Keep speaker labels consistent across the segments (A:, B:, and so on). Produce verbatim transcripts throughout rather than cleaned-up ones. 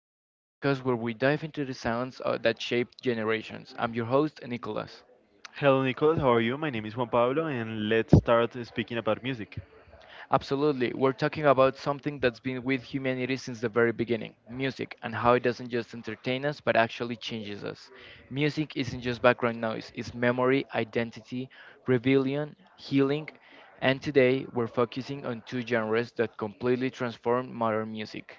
A: World, the podcast where we dive into the sounds uh, that shaped generations. I'm your host, Nicholas.
B: Hello, Nicholas. How are you? My name is Juan Pablo, and let's start speaking about music.
A: Absolutely, we're talking about something that's been with humanity since the very beginning music, and how it doesn't just entertain us but actually changes us. Music isn't just background noise, it's memory, identity, rebellion, healing, and today we're focusing on two genres that completely transformed modern music.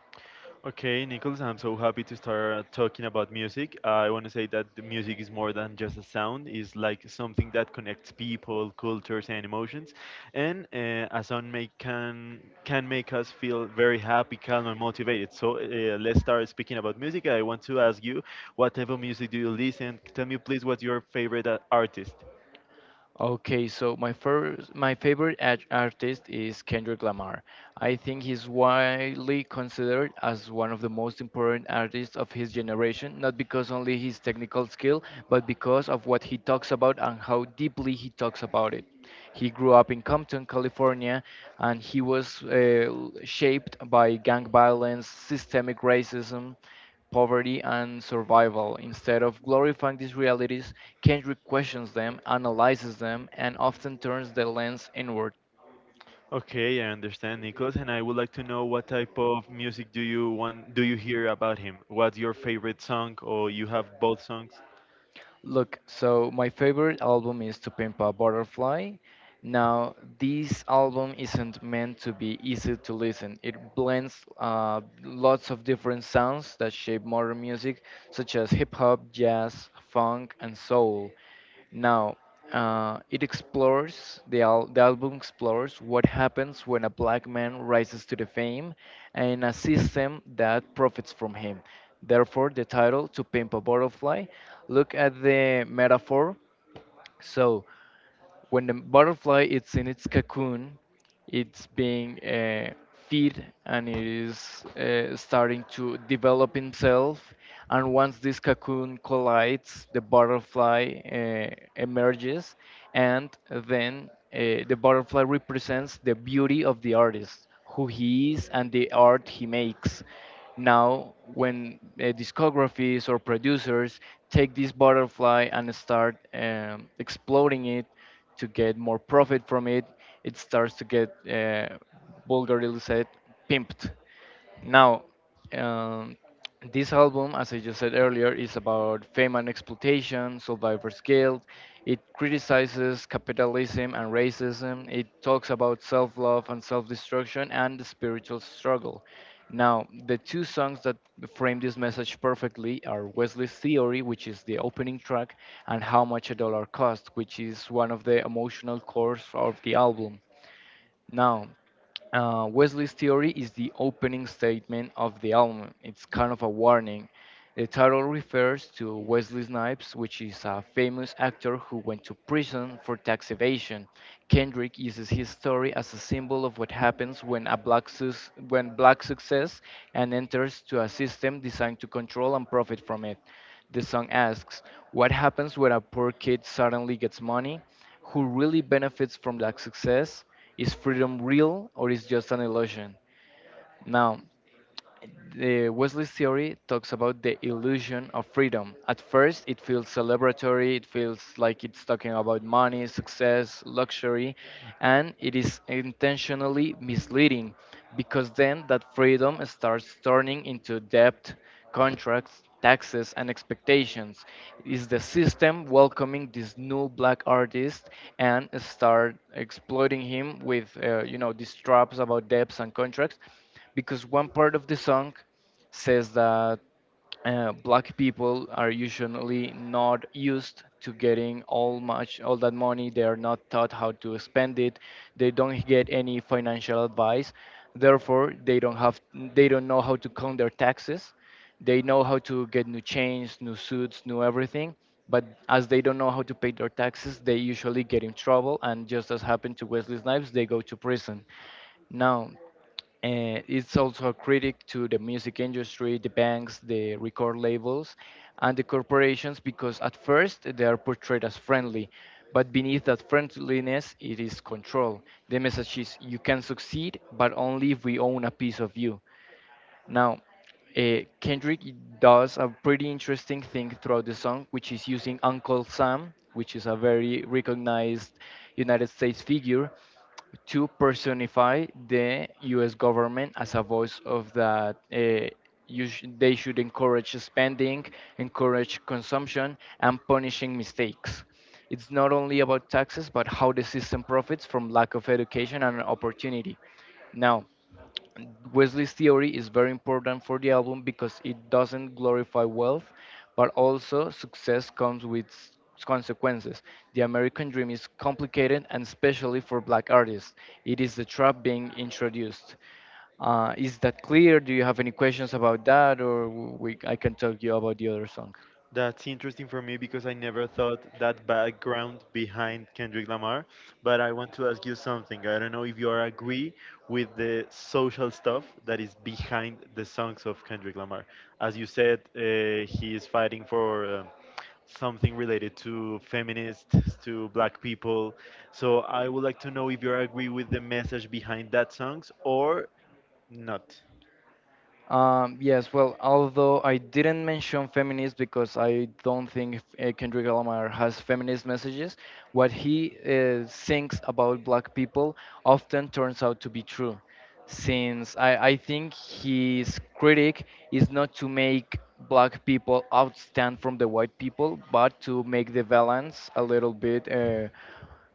B: Okay, Nicholas, I'm so happy to start talking about music. I want to say that the music is more than just a sound, it's like something that connects people, cultures, and emotions. And uh, a sound may, can, can make us feel very happy, calm, and motivated. So uh, let's start speaking about music. I want to ask you what type of music do you listen? Tell me, please, what's your favorite uh, artist?
A: Okay, so my first, my favorite art- artist is Kendrick Lamar. I think he's widely considered as one of the most important artists of his generation, not because only his technical skill, but because of what he talks about and how deeply he talks about it. He grew up in Compton, California, and he was uh, shaped by gang violence, systemic racism, poverty and survival. Instead of glorifying these realities, Kendrick questions them, analyzes them, and often turns the lens inward.
B: Okay, I understand, Nicholas, and I would like to know what type of music do you want do you hear about him? What's your favorite song or you have both songs?
A: Look, so my favorite album is To Pimp a Butterfly. Now, this album isn't meant to be easy to listen. It blends uh, lots of different sounds that shape modern music, such as hip hop, jazz, funk, and soul. Now, uh, it explores the, al- the album explores what happens when a black man rises to the fame and a system that profits from him. Therefore, the title "To Pimp a Butterfly" look at the metaphor. So, when the butterfly is in its cocoon, it's being uh, feed and it is uh, starting to develop itself. And once this cocoon collides, the butterfly uh, emerges, and then uh, the butterfly represents the beauty of the artist, who he is, and the art he makes. Now, when uh, discographies or producers take this butterfly and start um, exploding it to get more profit from it, it starts to get uh, vulgarly said pimped. Now, um, this album, as I just said earlier, is about fame and exploitation, survivor's guilt. It criticizes capitalism and racism. It talks about self love and self destruction and the spiritual struggle. Now, the two songs that frame this message perfectly are Wesley's Theory, which is the opening track, and How Much a Dollar Cost, which is one of the emotional cores of the album. Now, uh, Wesley's theory is the opening statement of the album. It's kind of a warning. The title refers to Wesley Snipes, which is a famous actor who went to prison for tax evasion. Kendrick uses his story as a symbol of what happens when a black sus- when black success and enters to a system designed to control and profit from it. The song asks, what happens when a poor kid suddenly gets money? Who really benefits from that success? Is freedom real or is just an illusion? Now, the Wesley's theory talks about the illusion of freedom. At first, it feels celebratory, it feels like it's talking about money, success, luxury, and it is intentionally misleading because then that freedom starts turning into debt, contracts, taxes, and expectations. Is the system welcoming this new black artist and start exploiting him with, uh, you know, these traps about debts and contracts? Because one part of the song says that uh, black people are usually not used to getting all much all that money, they are not taught how to spend it, they don't get any financial advice, therefore they don't have they don't know how to count their taxes, they know how to get new chains, new suits, new everything, but as they don't know how to pay their taxes they usually get in trouble, and just as happened to Wesley Snipes they go to prison. Now, and it's also a critic to the music industry, the banks, the record labels, and the corporations because at first they are portrayed as friendly, but beneath that friendliness, it is control. The message is you can succeed, but only if we own a piece of you. Now, uh, Kendrick does a pretty interesting thing throughout the song, which is using Uncle Sam, which is a very recognized United States figure, to personify the U S government as a voice of that. Uh, you sh- they should encourage spending, encourage consumption, and punishing mistakes. It's not only about taxes, but how the system profits from lack of education and opportunity. Now, and Wesley's theory is very important for the album because it doesn't glorify wealth, but also success comes with s- consequences. The American dream is complicated, and especially for black artists, it is the trap being introduced. Uh, is that clear? Do you have any questions about that, or w- we, I can talk you about the other song?
B: That's interesting for me because I never thought that background behind Kendrick Lamar. But I want to ask you something. I don't know if you are agree with the social stuff that is behind the songs of Kendrick Lamar. As you said, uh, he is fighting for uh, something related to feminists, to black people. So I would like to know if you agree with the message behind that songs or not.
A: Um, yes, well, although I didn't mention feminist because I don't think uh, Kendrick Lamar has feminist messages, what he uh, thinks about black people often turns out to be true. Since I, I think his critic is not to make black people outstand from the white people, but to make the balance a little bit. Uh,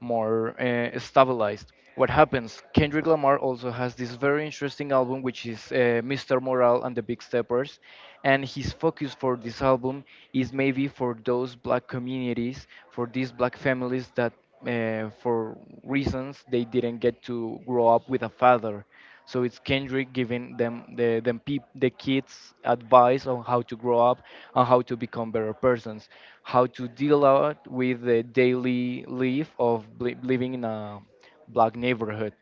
A: More uh, stabilized. What happens? Kendrick Lamar also has this very interesting album, which is uh, mister Morale and the Big Steppers, and his focus for this album is maybe for those black communities, for these black families that, uh, for reasons, they didn't get to grow up with a father. So it's Kendrick giving them the them peop, the kids advice on how to grow up and how to become better persons, how to deal out with the daily life of bli- living in a black neighborhood.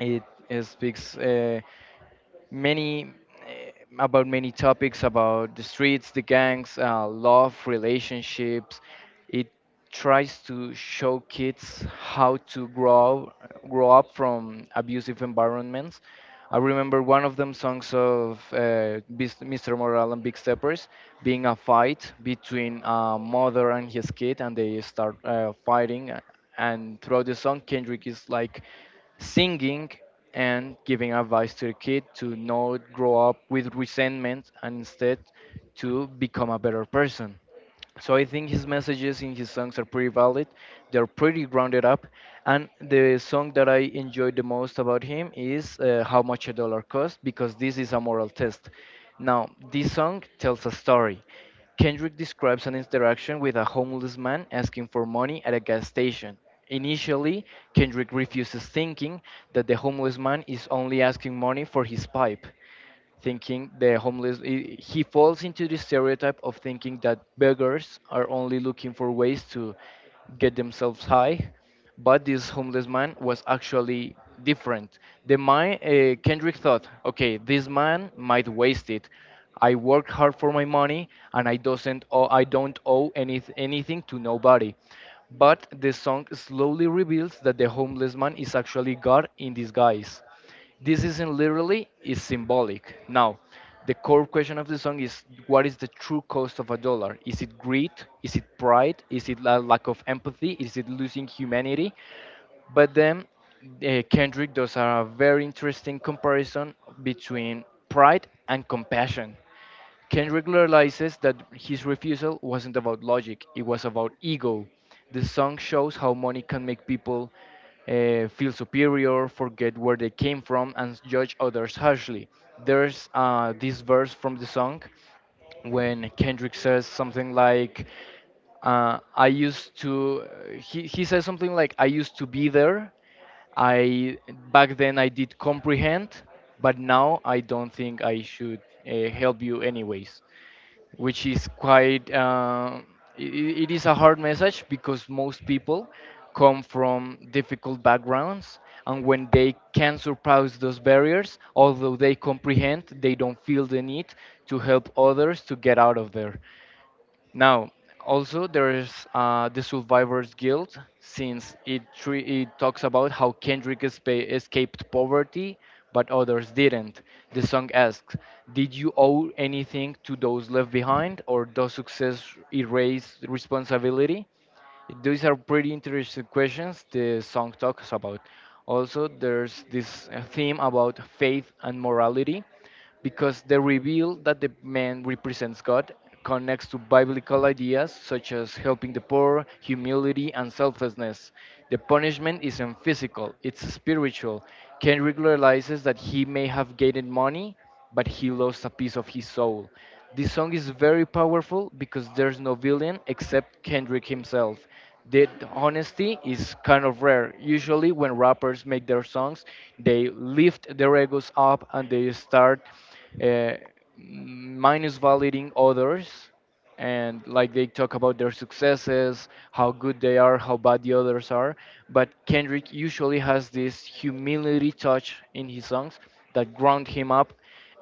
A: It, it speaks. Uh, many eh, About many topics about the streets, the gangs, uh, love, relationships. It tries to show kids how to grow grow up from abusive environments. I remember one of them songs of uh, Bis- mister Morale and Big Steppers being a fight between a mother and his kid, and they start uh, fighting. And throughout the song, Kendrick is like singing and giving advice to the kid to not grow up with resentment and instead to become a better person. So I think his messages in his songs are pretty valid. They're pretty grounded up. And the song that I enjoyed the most about him is uh, How Much a Dollar Cost because this is a moral test. Now, this song tells a story. Kendrick describes an interaction with a homeless man asking for money at a gas station. Initially, Kendrick refuses, thinking that the homeless man is only asking money for his pipe, thinking the homeless i- he falls into the stereotype of thinking that beggars are only looking for ways to get themselves high, but this homeless man was actually different. The my uh, Kendrick thought, okay, this man might waste it, I work hard for my money and i doesn't owe, I don't owe any, anything to nobody. But the song slowly reveals that the homeless man is actually god in disguise. This isn't literally, it's symbolic. Now, the core question of the song is, what is the true cost of a dollar? Is it greed? Is it pride? Is it a lack of empathy? Is it losing humanity? But then uh, Kendrick does a very interesting comparison between pride and compassion. Kendrick realizes that his refusal wasn't about logic, it was about ego. The song shows how money can make people uh, feel superior, forget where they came from, and judge others harshly. There's uh, this verse from the song when Kendrick says something like, uh, I used to, he, he says something like, I used to be there. I back then I did comprehend, but now I don't think I should uh, help you anyways, which is quite. Uh, it, it is a hard message because most people come from difficult backgrounds, and when they can surpass those barriers, although they comprehend, they don't feel the need to help others to get out of there. Now, also there's uh, the Survivor's Guild, since it tre- it talks about how Kendrick espa- escaped poverty, but others didn't. The song asks, "Did you owe anything to those left behind, or does success erase responsibility?" Those are pretty interesting questions the song talks about. Also, there's this uh, theme about faith and morality because the reveal that the man represents God connects to biblical ideas such as helping the poor, humility, and selflessness. The punishment isn't physical, it's spiritual. Ken realizes that he may have gained money, but he lost a piece of his soul. This song is very powerful because there's no villain except Kendrick himself. The honesty is kind of rare. Usually, when rappers make their songs, they lift their egos up and they start uh, minus validating others and like they talk about their successes, how good they are, how bad the others are. But Kendrick usually has this humility touch in his songs that ground him up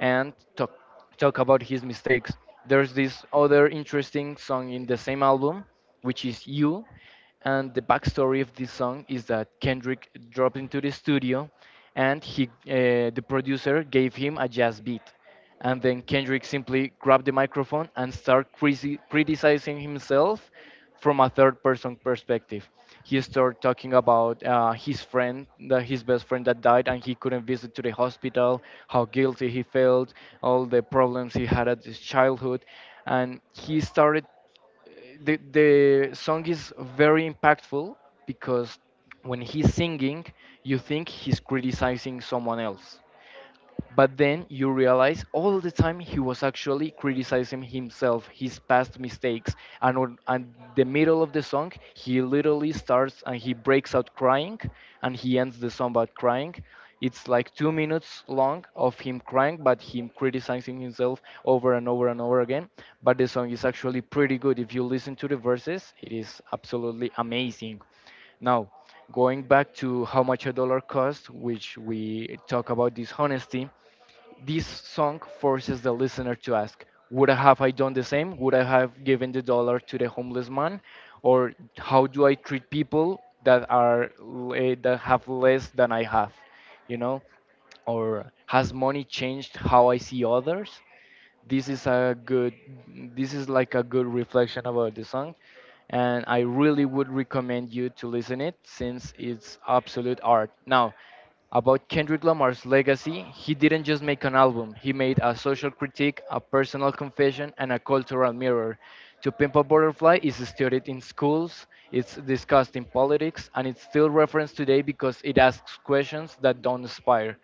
A: and talk, talk about his mistakes. There's this other interesting song in the same album, which is You. And the backstory of this song is that Kendrick dropped into the studio and he, uh, the producer gave him a jazz beat, and then Kendrick simply grabbed the microphone and started crisi- criticizing himself from a third person perspective. He started talking about uh, his friend, the, his best friend that died, and he couldn't visit to the hospital, how guilty he felt, all the problems he had at his childhood. And he started the the song is very impactful because when he's singing, you think he's criticizing someone else. But then you realize all the time he was actually criticizing himself, his past mistakes, and on and the middle of the song he literally starts and he breaks out crying, and he ends the song by crying. It's like two minutes long of him crying, but him criticizing himself over and over and over again. But the song is actually pretty good. If you listen to the verses, it is absolutely amazing. Now, going back to how much a dollar costs, which we talk about dishonesty, this song forces the listener to ask, would I have I done the same? Would I have given the dollar to the homeless man? Or how do I treat people that are le- that have less than I have? You know? Or has money changed how I see others? this is a good this is like a good reflection about the song, and I really would recommend you to listen it since it's absolute art. Now, about Kendrick Lamar's legacy, he didn't just make an album, he made a social critique, a personal confession, and a cultural mirror. To Pimp a Butterfly is studied in schools, it's discussed in politics, and it's still referenced today because it asks questions that don't inspire.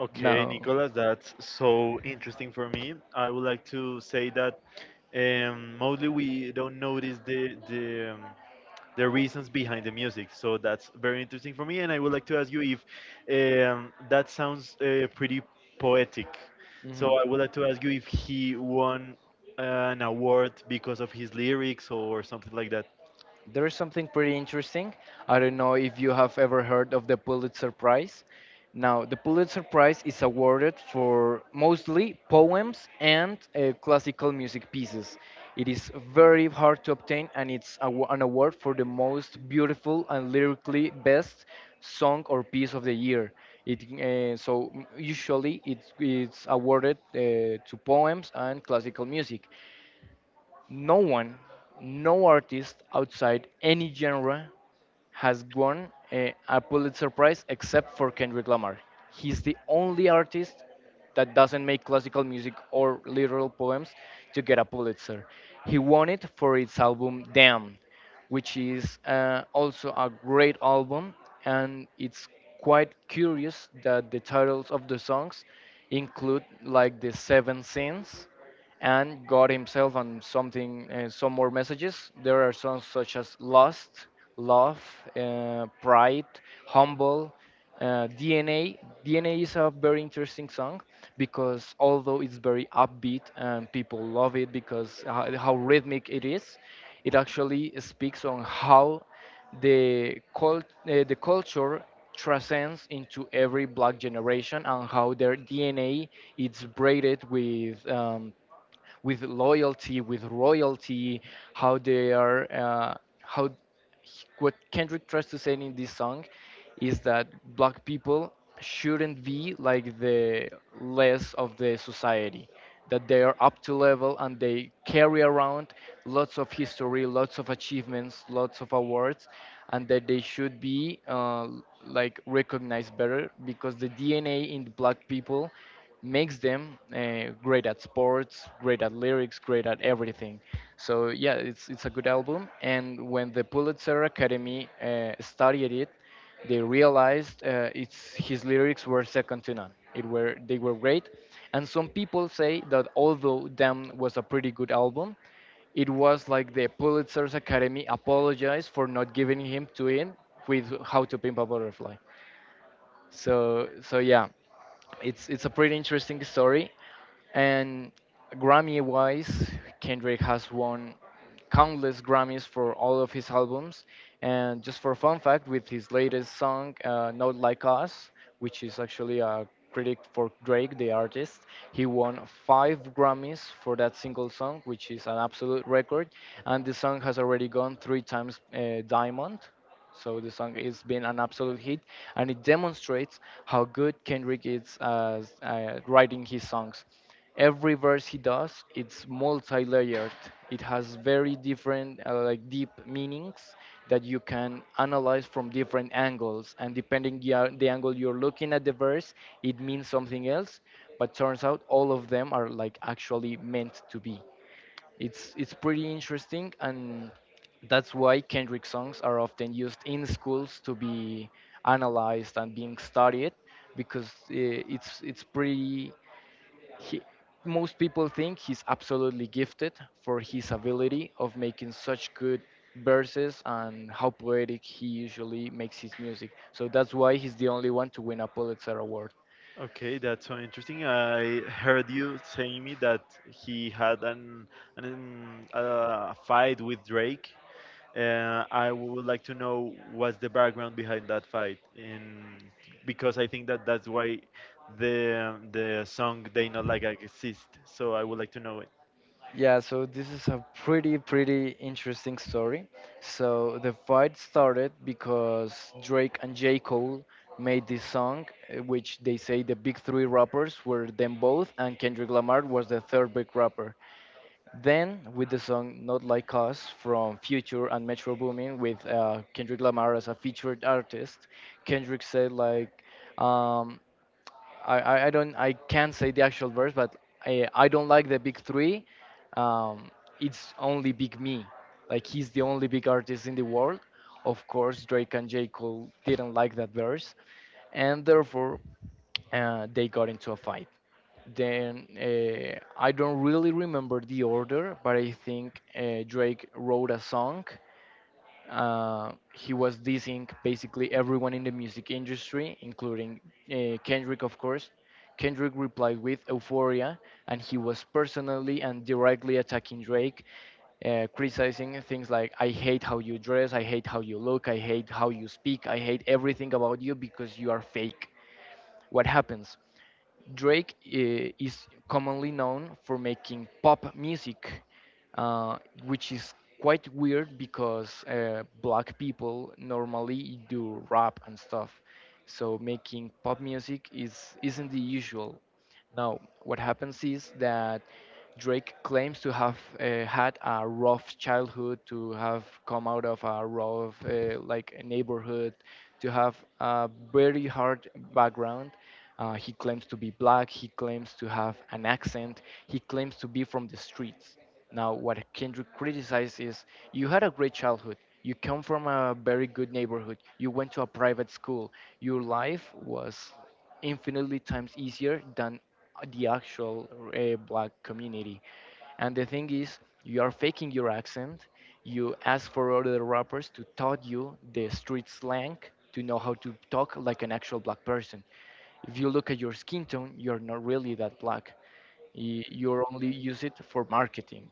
B: Okay,
A: No.
B: Nicolas, that's so interesting for me. I would like to say that um, mostly we don't notice the the um, the reasons behind the music, so that's very interesting for me. And I would like to ask you if um, that sounds uh, pretty poetic. So
A: Hmm.
B: I would like to ask you if he won an award because of his lyrics or something like that.
A: There is something pretty interesting. I don't know if you have ever heard of the Pulitzer Prize. Now, the Pulitzer Prize is awarded for mostly poems and uh, classical music pieces. It is very hard to obtain, and it's a, wa- an award for the most beautiful and lyrically best song or piece of the year. It uh, so m- usually it's it's awarded uh, to poems and classical music. No one, no artist outside any genre has won a, a Pulitzer Prize except for Kendrick Lamar. He's the only artist that doesn't make classical music or literal poems to get a Pulitzer. He won it for his album Damn, which is uh, also a great album, and it's quite curious that the titles of the songs include like the seven sins and God himself on something, uh, some more messages. There are songs such as Lost, Love, uh, Pride, Humble, uh, D N A. D N A is a very interesting song because although it's very upbeat and people love it because how, how rhythmic it is, it actually speaks on how the cult, uh, the culture transcends into every black generation and how their D N A is braided with um, with loyalty, with royalty. How they are, uh, how What Kendrick tries to say in this song is that black people shouldn't be like the less of the society, that they are up to level, and they carry around lots of history, lots of achievements, lots of awards, and that they should be uh, like, recognized better because the DNA in black people makes them uh, great at sports, great at lyrics, great at everything. So yeah, it's it's a good album. And when the Pulitzer Academy uh, studied it, they realized uh, it's his lyrics were second to none. It were They were great, and some people say that although Damn was a pretty good album, it was like the Pulitzer's Academy apologized for not giving him to in with How to Pimp a Butterfly. So so yeah, it's it's a pretty interesting story, and Grammy-wise, Kendrick has won countless Grammys for all of his albums. And just for fun fact, with his latest song, uh, Not Like Us, which is actually a critic for Drake, the artist, he won five Grammys for that single song, which is an absolute record. And the song has already gone three times uh, Diamond. So the song has been an absolute hit, and it demonstrates how good Kendrick is as uh, writing his songs. Every verse he does, it's multi-layered. It has very different, uh, like, deep meanings that you can analyze from different angles. And depending, yeah, the angle you're looking at the verse, it means something else. But turns out all of them are like actually meant to be. It's it's pretty interesting, and that's why Kendrick songs are often used in schools to be analyzed and being studied because uh, it's it's pretty. He, Most people think he's absolutely gifted for his ability of making such good verses and how poetic he usually makes his music. So that's why he's the only one to win a Pulitzer Award.
B: Okay, that's so interesting. I heard you saying me that he had an, an um, a fight with Drake. Uh, I would like to know what's the background behind that fight, and because I think that that's why the the song "They Not Like I" exists. So I would like to know.
A: Yeah, so this is a pretty, pretty interesting story. So the fight started because Drake and J. Cole made this song, uh, which they say the big three rappers were them both, and Kendrick Lamar was the third big rapper. Then, with the song Not Like Us from Future and Metro Boomin with uh, Kendrick Lamar as a featured artist, Kendrick said, like, um, I, I I don't I can't say the actual verse, but I I don't like the big three. Um, it's only Big Me, like he's the only big artist in the world. Of course, Drake and J Cole didn't like that verse, and therefore uh, they got into a fight. Then uh, I don't really remember the order, but I think uh, Drake wrote a song, uh, he was dissing basically everyone in the music industry, including uh, Kendrick, of course. Kendrick replied with Euphoria, and he was personally and directly attacking Drake, uh, criticizing things like, "I hate how you dress, I hate how you look, I hate how you speak, I hate everything about you because you are fake." What happens? Drake eh, is commonly known for making pop music, uh, which is quite weird because uh, black people normally do rap and stuff. So making pop music is isn't the usual. Now, what happens is that Drake claims to have uh, had a rough childhood, to have come out of a rough uh, like neighborhood, to have a very hard background. Uh, he claims to be black. He claims to have an accent. He claims to be from the streets. Now, what Kendrick criticizes is, you had a great childhood. You come from a very good neighborhood. You went to a private school. Your life was infinitely times easier than the actual uh, black community. And the thing is, you are faking your accent. You ask for other rappers to taught you the street slang to know how to talk like an actual black person. If you look at your skin tone, you're not really that black. Y- You're only use it for marketing.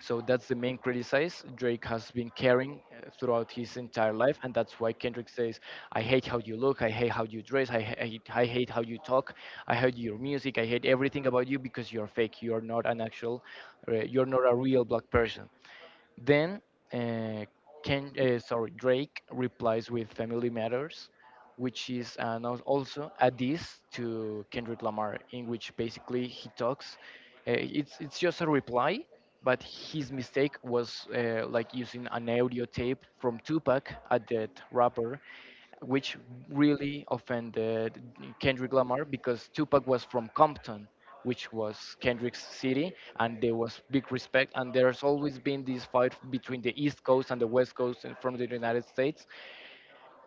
A: So that's the main criticize Drake has been carrying uh, throughout his entire life, and that's why Kendrick says, "I hate how you look, I hate how you dress, I hate, I hate how you talk, I hate your music, I hate everything about you because you're fake. You're not an actual, uh, you're not a real black person." Then, uh, Ken, uh, sorry, Drake replies with "Family Matters," which is an, als- also a diss to Kendrick Lamar, in which basically he talks. Uh, it's it's just a reply, but his mistake was uh, like using an audio tape from Tupac at that rapper, which really offended Kendrick Lamar because Tupac was from Compton, which was Kendrick's city, and there was big respect. And there's always been this fight between the East Coast and the West Coast and from the United States.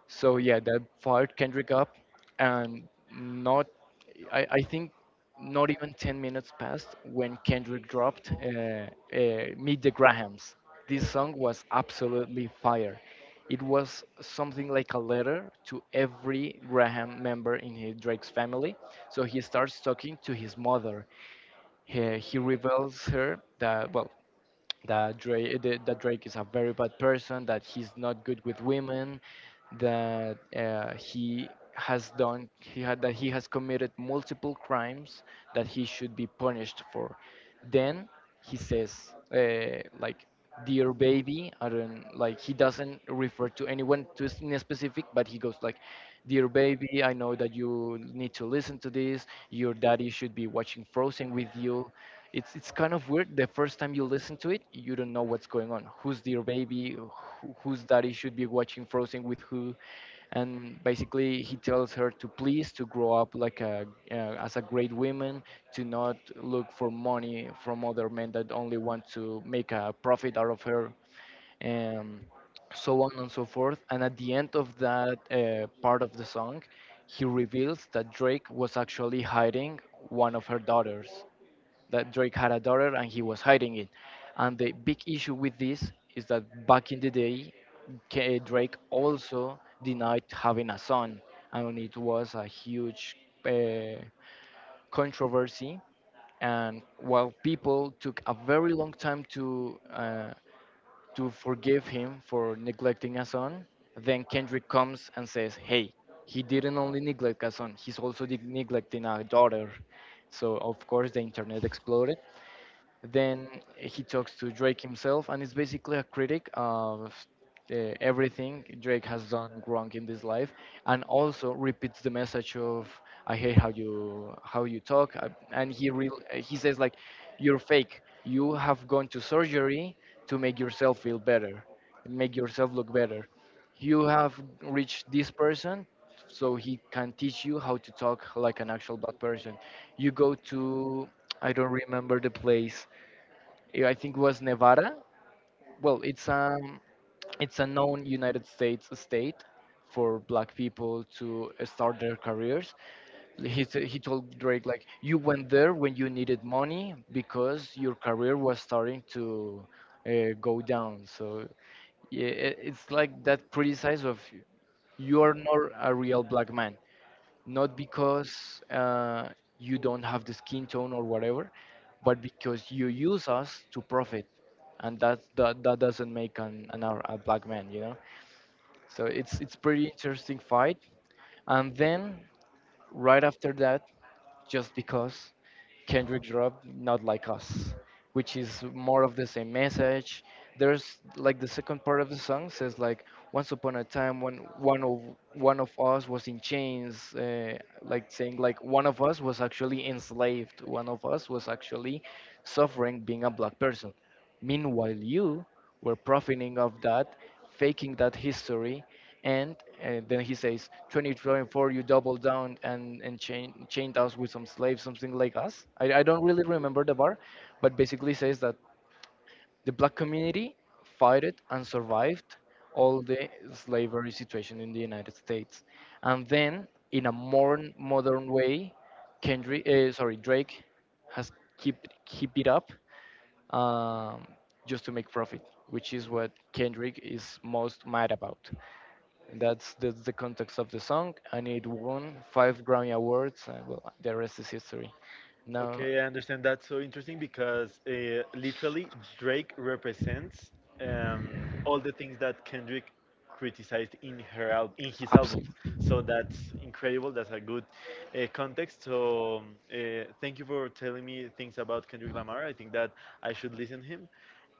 A: So yeah, that fired Kendrick up, and not, I, I think, not even ten minutes passed when Kendrick dropped uh, uh, "Meet the Grahams." This song was absolutely fire. It was something like a letter to every Graham member in his, Drake's family. So he starts talking to his mother. He, he reveals her that, well, that Drake that Drake is a very bad person, that he's not good with women, that uh, he has done he had that he has committed multiple crimes that he should be punished for. Then he says, uh, like, dear baby, I don't— like, he doesn't refer to anyone to s- in a specific, but he goes like, dear baby, I know that you need to listen to this. Your daddy should be watching Frozen with you. It's it's kind of weird. The first time you listen to it, you don't know what's going on. Who's dear baby? Who, whose daddy should be watching Frozen with who? And basically he tells her to, please, to grow up like a uh, as a great woman, to not look for money from other men that only want to make a profit out of her, and so on and so forth. And at the end of that uh, part of the song, he reveals that Drake was actually hiding one of her daughters, that Drake had a daughter and he was hiding it. And the big issue with this is that, back in the day, K- Drake also denied having a son, and it was a huge uh, controversy. And while people took a very long time to uh, to forgive him for neglecting a son, then Kendrick comes and says, "Hey, he didn't only neglect a son; he's also de- neglecting a daughter." So of course the internet exploded. Then he talks to Drake himself, and is basically a critic of uh, everything Drake has done wrong in this life, and also repeats the message of, "I hate how you how you talk," uh, and he real uh, he says, like, "You're fake. You have gone to surgery to make yourself feel better, make yourself look better. You have reached this person." So he can teach you how to talk like an actual black person. You go to— I don't remember the place, eh, I think it was Nevada. Well, it's um, it's a known United States state for black people to uh, start their careers. He, t- he told Drake, like, you went there when you needed money because your career was starting to uh, go down. So yeah, i- it's like that criticize of, you are not a real black man, not because uh, you don't have the skin tone or whatever, but because you use us to profit, and that that that doesn't make an, an ar- a black man, you know. So it's it's pretty interesting fight. And then, right after that, just because Kendrick dropped Not Like Us, which is more of the same message. There's, like, the second part of the song says, like, once upon a time when one of one of us was in chains, uh, like saying, like, one of us was actually enslaved, one of us was actually suffering being a black person. Meanwhile, you were profiting of that, faking that history, and uh, then he says, twenty twenty-four, you doubled down and, and chain, chained us with some slaves, something like us. I, I don't really remember the bar, but basically says that the black community fought it and survived all the slavery situation in the United States. And then, in a more modern way, Kendrick— uh, sorry, Drake— has keep keep it up, um, just to make profit, which is what Kendrick is most mad about. And that's, that's the context of the song, and it won five Grammy Awards, and, well, the rest is history. Now,
B: Okay, I understand. That's so interesting because uh, literally Drake represents um, all the things that Kendrick criticized in her al- in his albums.
A: absolutely.
B: So that's incredible. That's a good uh, context. So um, uh, thank you for telling me things about Kendrick Lamar. I think that I should listen him,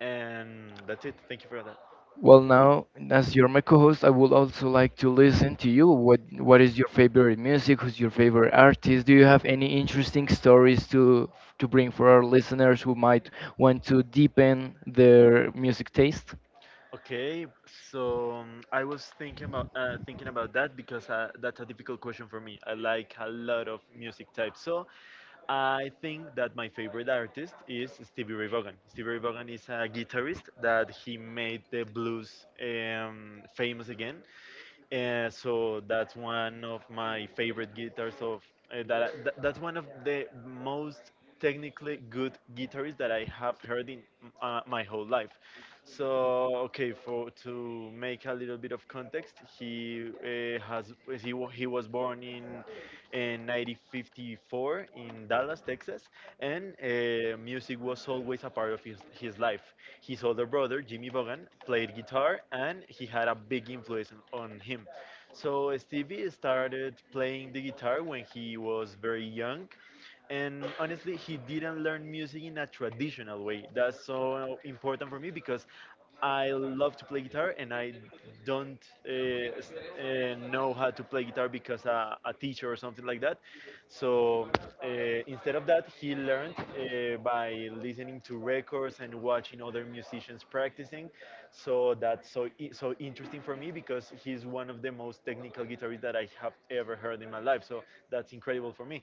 B: and that's it. Thank you for that.
A: Well, now, as you're my co-host, I would also like to listen to you. What What is your favorite music? Who's your favorite artist? Do you have any interesting stories to to bring for our listeners who might want to deepen their music taste?
B: Okay, so um, I was thinking about uh, thinking about that because uh, that's a difficult question for me. I like a lot of music types, so I think that my favorite artist is Stevie Ray Vaughan. Stevie Ray Vaughan is a guitarist that he made the blues um, famous again, uh, so that's one of my favorite guitars of uh, that, I- that that's one of the most technically good guitarists that I have heard in uh, my whole life. So okay, for to make a little bit of context, he uh, has he wa- he was born in in nineteen fifty-four in Dallas, Texas, and uh, music was always a part of his, his life. His older brother, Jimmy Vaughan, played guitar and he had a big influence on on him. So Stevie started playing the guitar when he was very young and honestly he didn't learn music in a traditional way. That's so important for me because I love to play guitar and I don't uh, s- uh, know how to play guitar because a, a teacher or something like that. So uh, instead of that he learned uh, by listening to records and watching other musicians practicing. So that's so i- so interesting for me because he's one of the most technical guitarist that I have ever heard in my life. So that's incredible for me.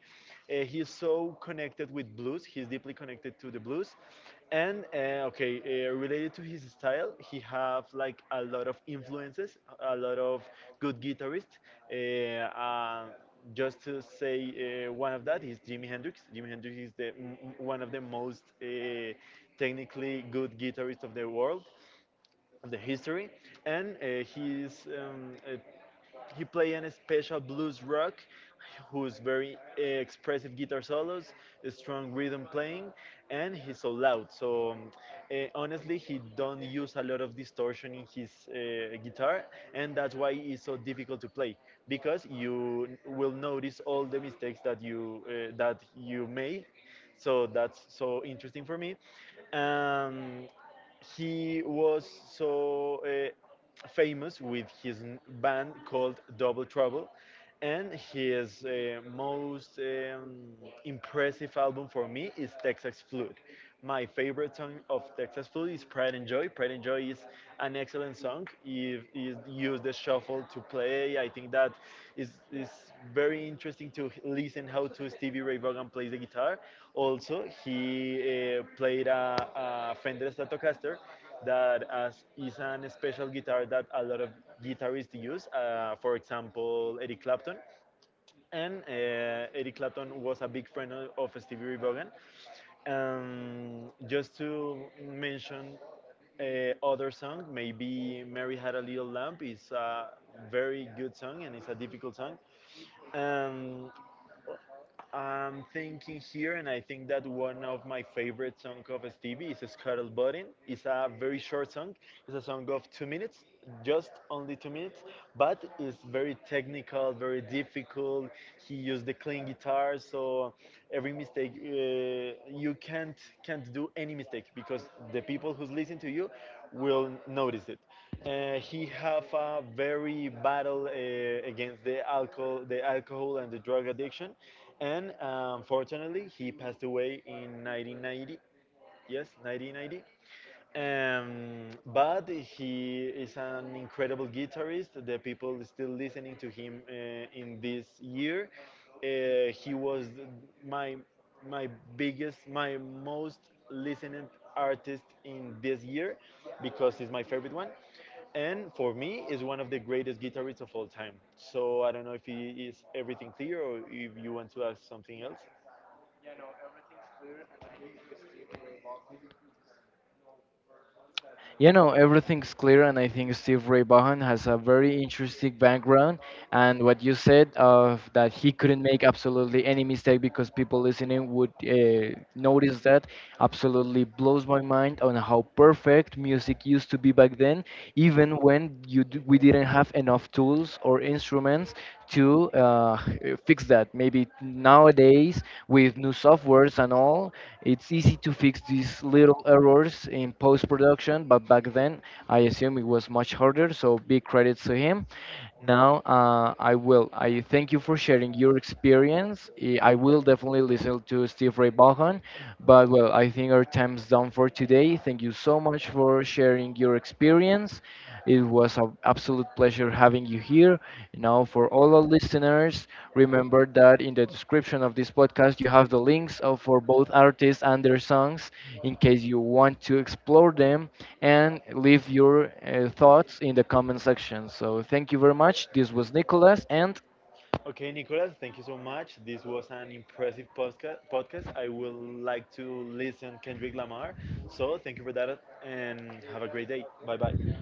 B: Uh, he's so connected with blues. He's deeply connected to the blues, and uh, okay, uh, related to his style, he have like a lot of influences, a lot of good guitarists. Uh, uh, just to say uh, one of that is Jimi Hendrix. Jimi Hendrix is the m- one of the most uh, technically good guitarist of the world of the history, and uh, his um, uh, he play an special blues rock, who's very uh, expressive guitar solos, a strong rhythm playing, and he's so loud. So um, eh, honestly, he don't use a lot of distortion in his uh, guitar, and that's why it's so difficult to play because you will notice all the mistakes that you uh, that you make. So that's so interesting for me. Um, he was so uh, famous with his n- band called Double Trouble, and his uh, most um, impressive album for me is Texas Flood. My favorite song of Texas Flood is Pride and Joy. Pride and Joy is an excellent song. It is use, use the shuffle to play. I think that is is very interesting to listen how to Stevie Ray Vaughan plays the guitar. Also, he uh, played a, a Fender Stratocaster that as is an special guitar that a lot of guitarists use. Uh, for example, Eric Clapton, and uh, Eric Clapton was a big friend of of Stevie Ray Vaughan. Um, just to mention uh, other song, maybe Mary Had a Little Lamb is a very good song and it's a difficult song. Um, I'm thinking here, and I think that one of my favorite song of Stevie is Scuttle Button. It's a very short song. It's a song of two minutes, just only two minutes, but it's very technical, very difficult. He used the clean guitar, so every mistake uh, you can't can't do any mistake because the people who's listening to you will notice it. Uh, he have a very battle uh, against the alcohol, the alcohol and the drug addiction, and uh, unfortunately, he passed away in nineteen ninety. Yes, nineteen ninety. Um, but he is an incredible guitarist. The people still listening to him uh, in this year. Uh, he was my my biggest, my most listening artist in this year because he's my favorite one, and for me is one of the greatest guitarists of all time. So I don't know if he is everything clear or if you want to ask something else.
A: You know, everything's clear, and I think Steve Ray Vaughan has a very interesting background. And what you said of that he couldn't make absolutely any mistake because people listening would uh, notice that, absolutely blows my mind on how perfect music used to be back then, even when you d- we didn't have enough tools or instruments to uh, fix that. Maybe nowadays with new software errors and all. It's easy to fix these little errors in post production, but back then I assume it was much harder. So big credits to him. Now uh, I will. I thank you for sharing your experience. Eh, I will definitely listen to Steve Ray Vaughan, but, well, I think our time's done for today. Thank you so much for sharing your experience. It was an absolute pleasure having you here. Now, for all our listeners, remember that in the description of this podcast, you have the links of, for both artists and their songs, in case you want to explore them and leave your uh, thoughts in the comment section. So, thank you very much. This was Nicholas and
B: Okay, Nicolas, thank you so much. This was an impressive podcast. podcast. I will like to listen Kendrick Lamar. So thank you for that and have a great day. Bye bye.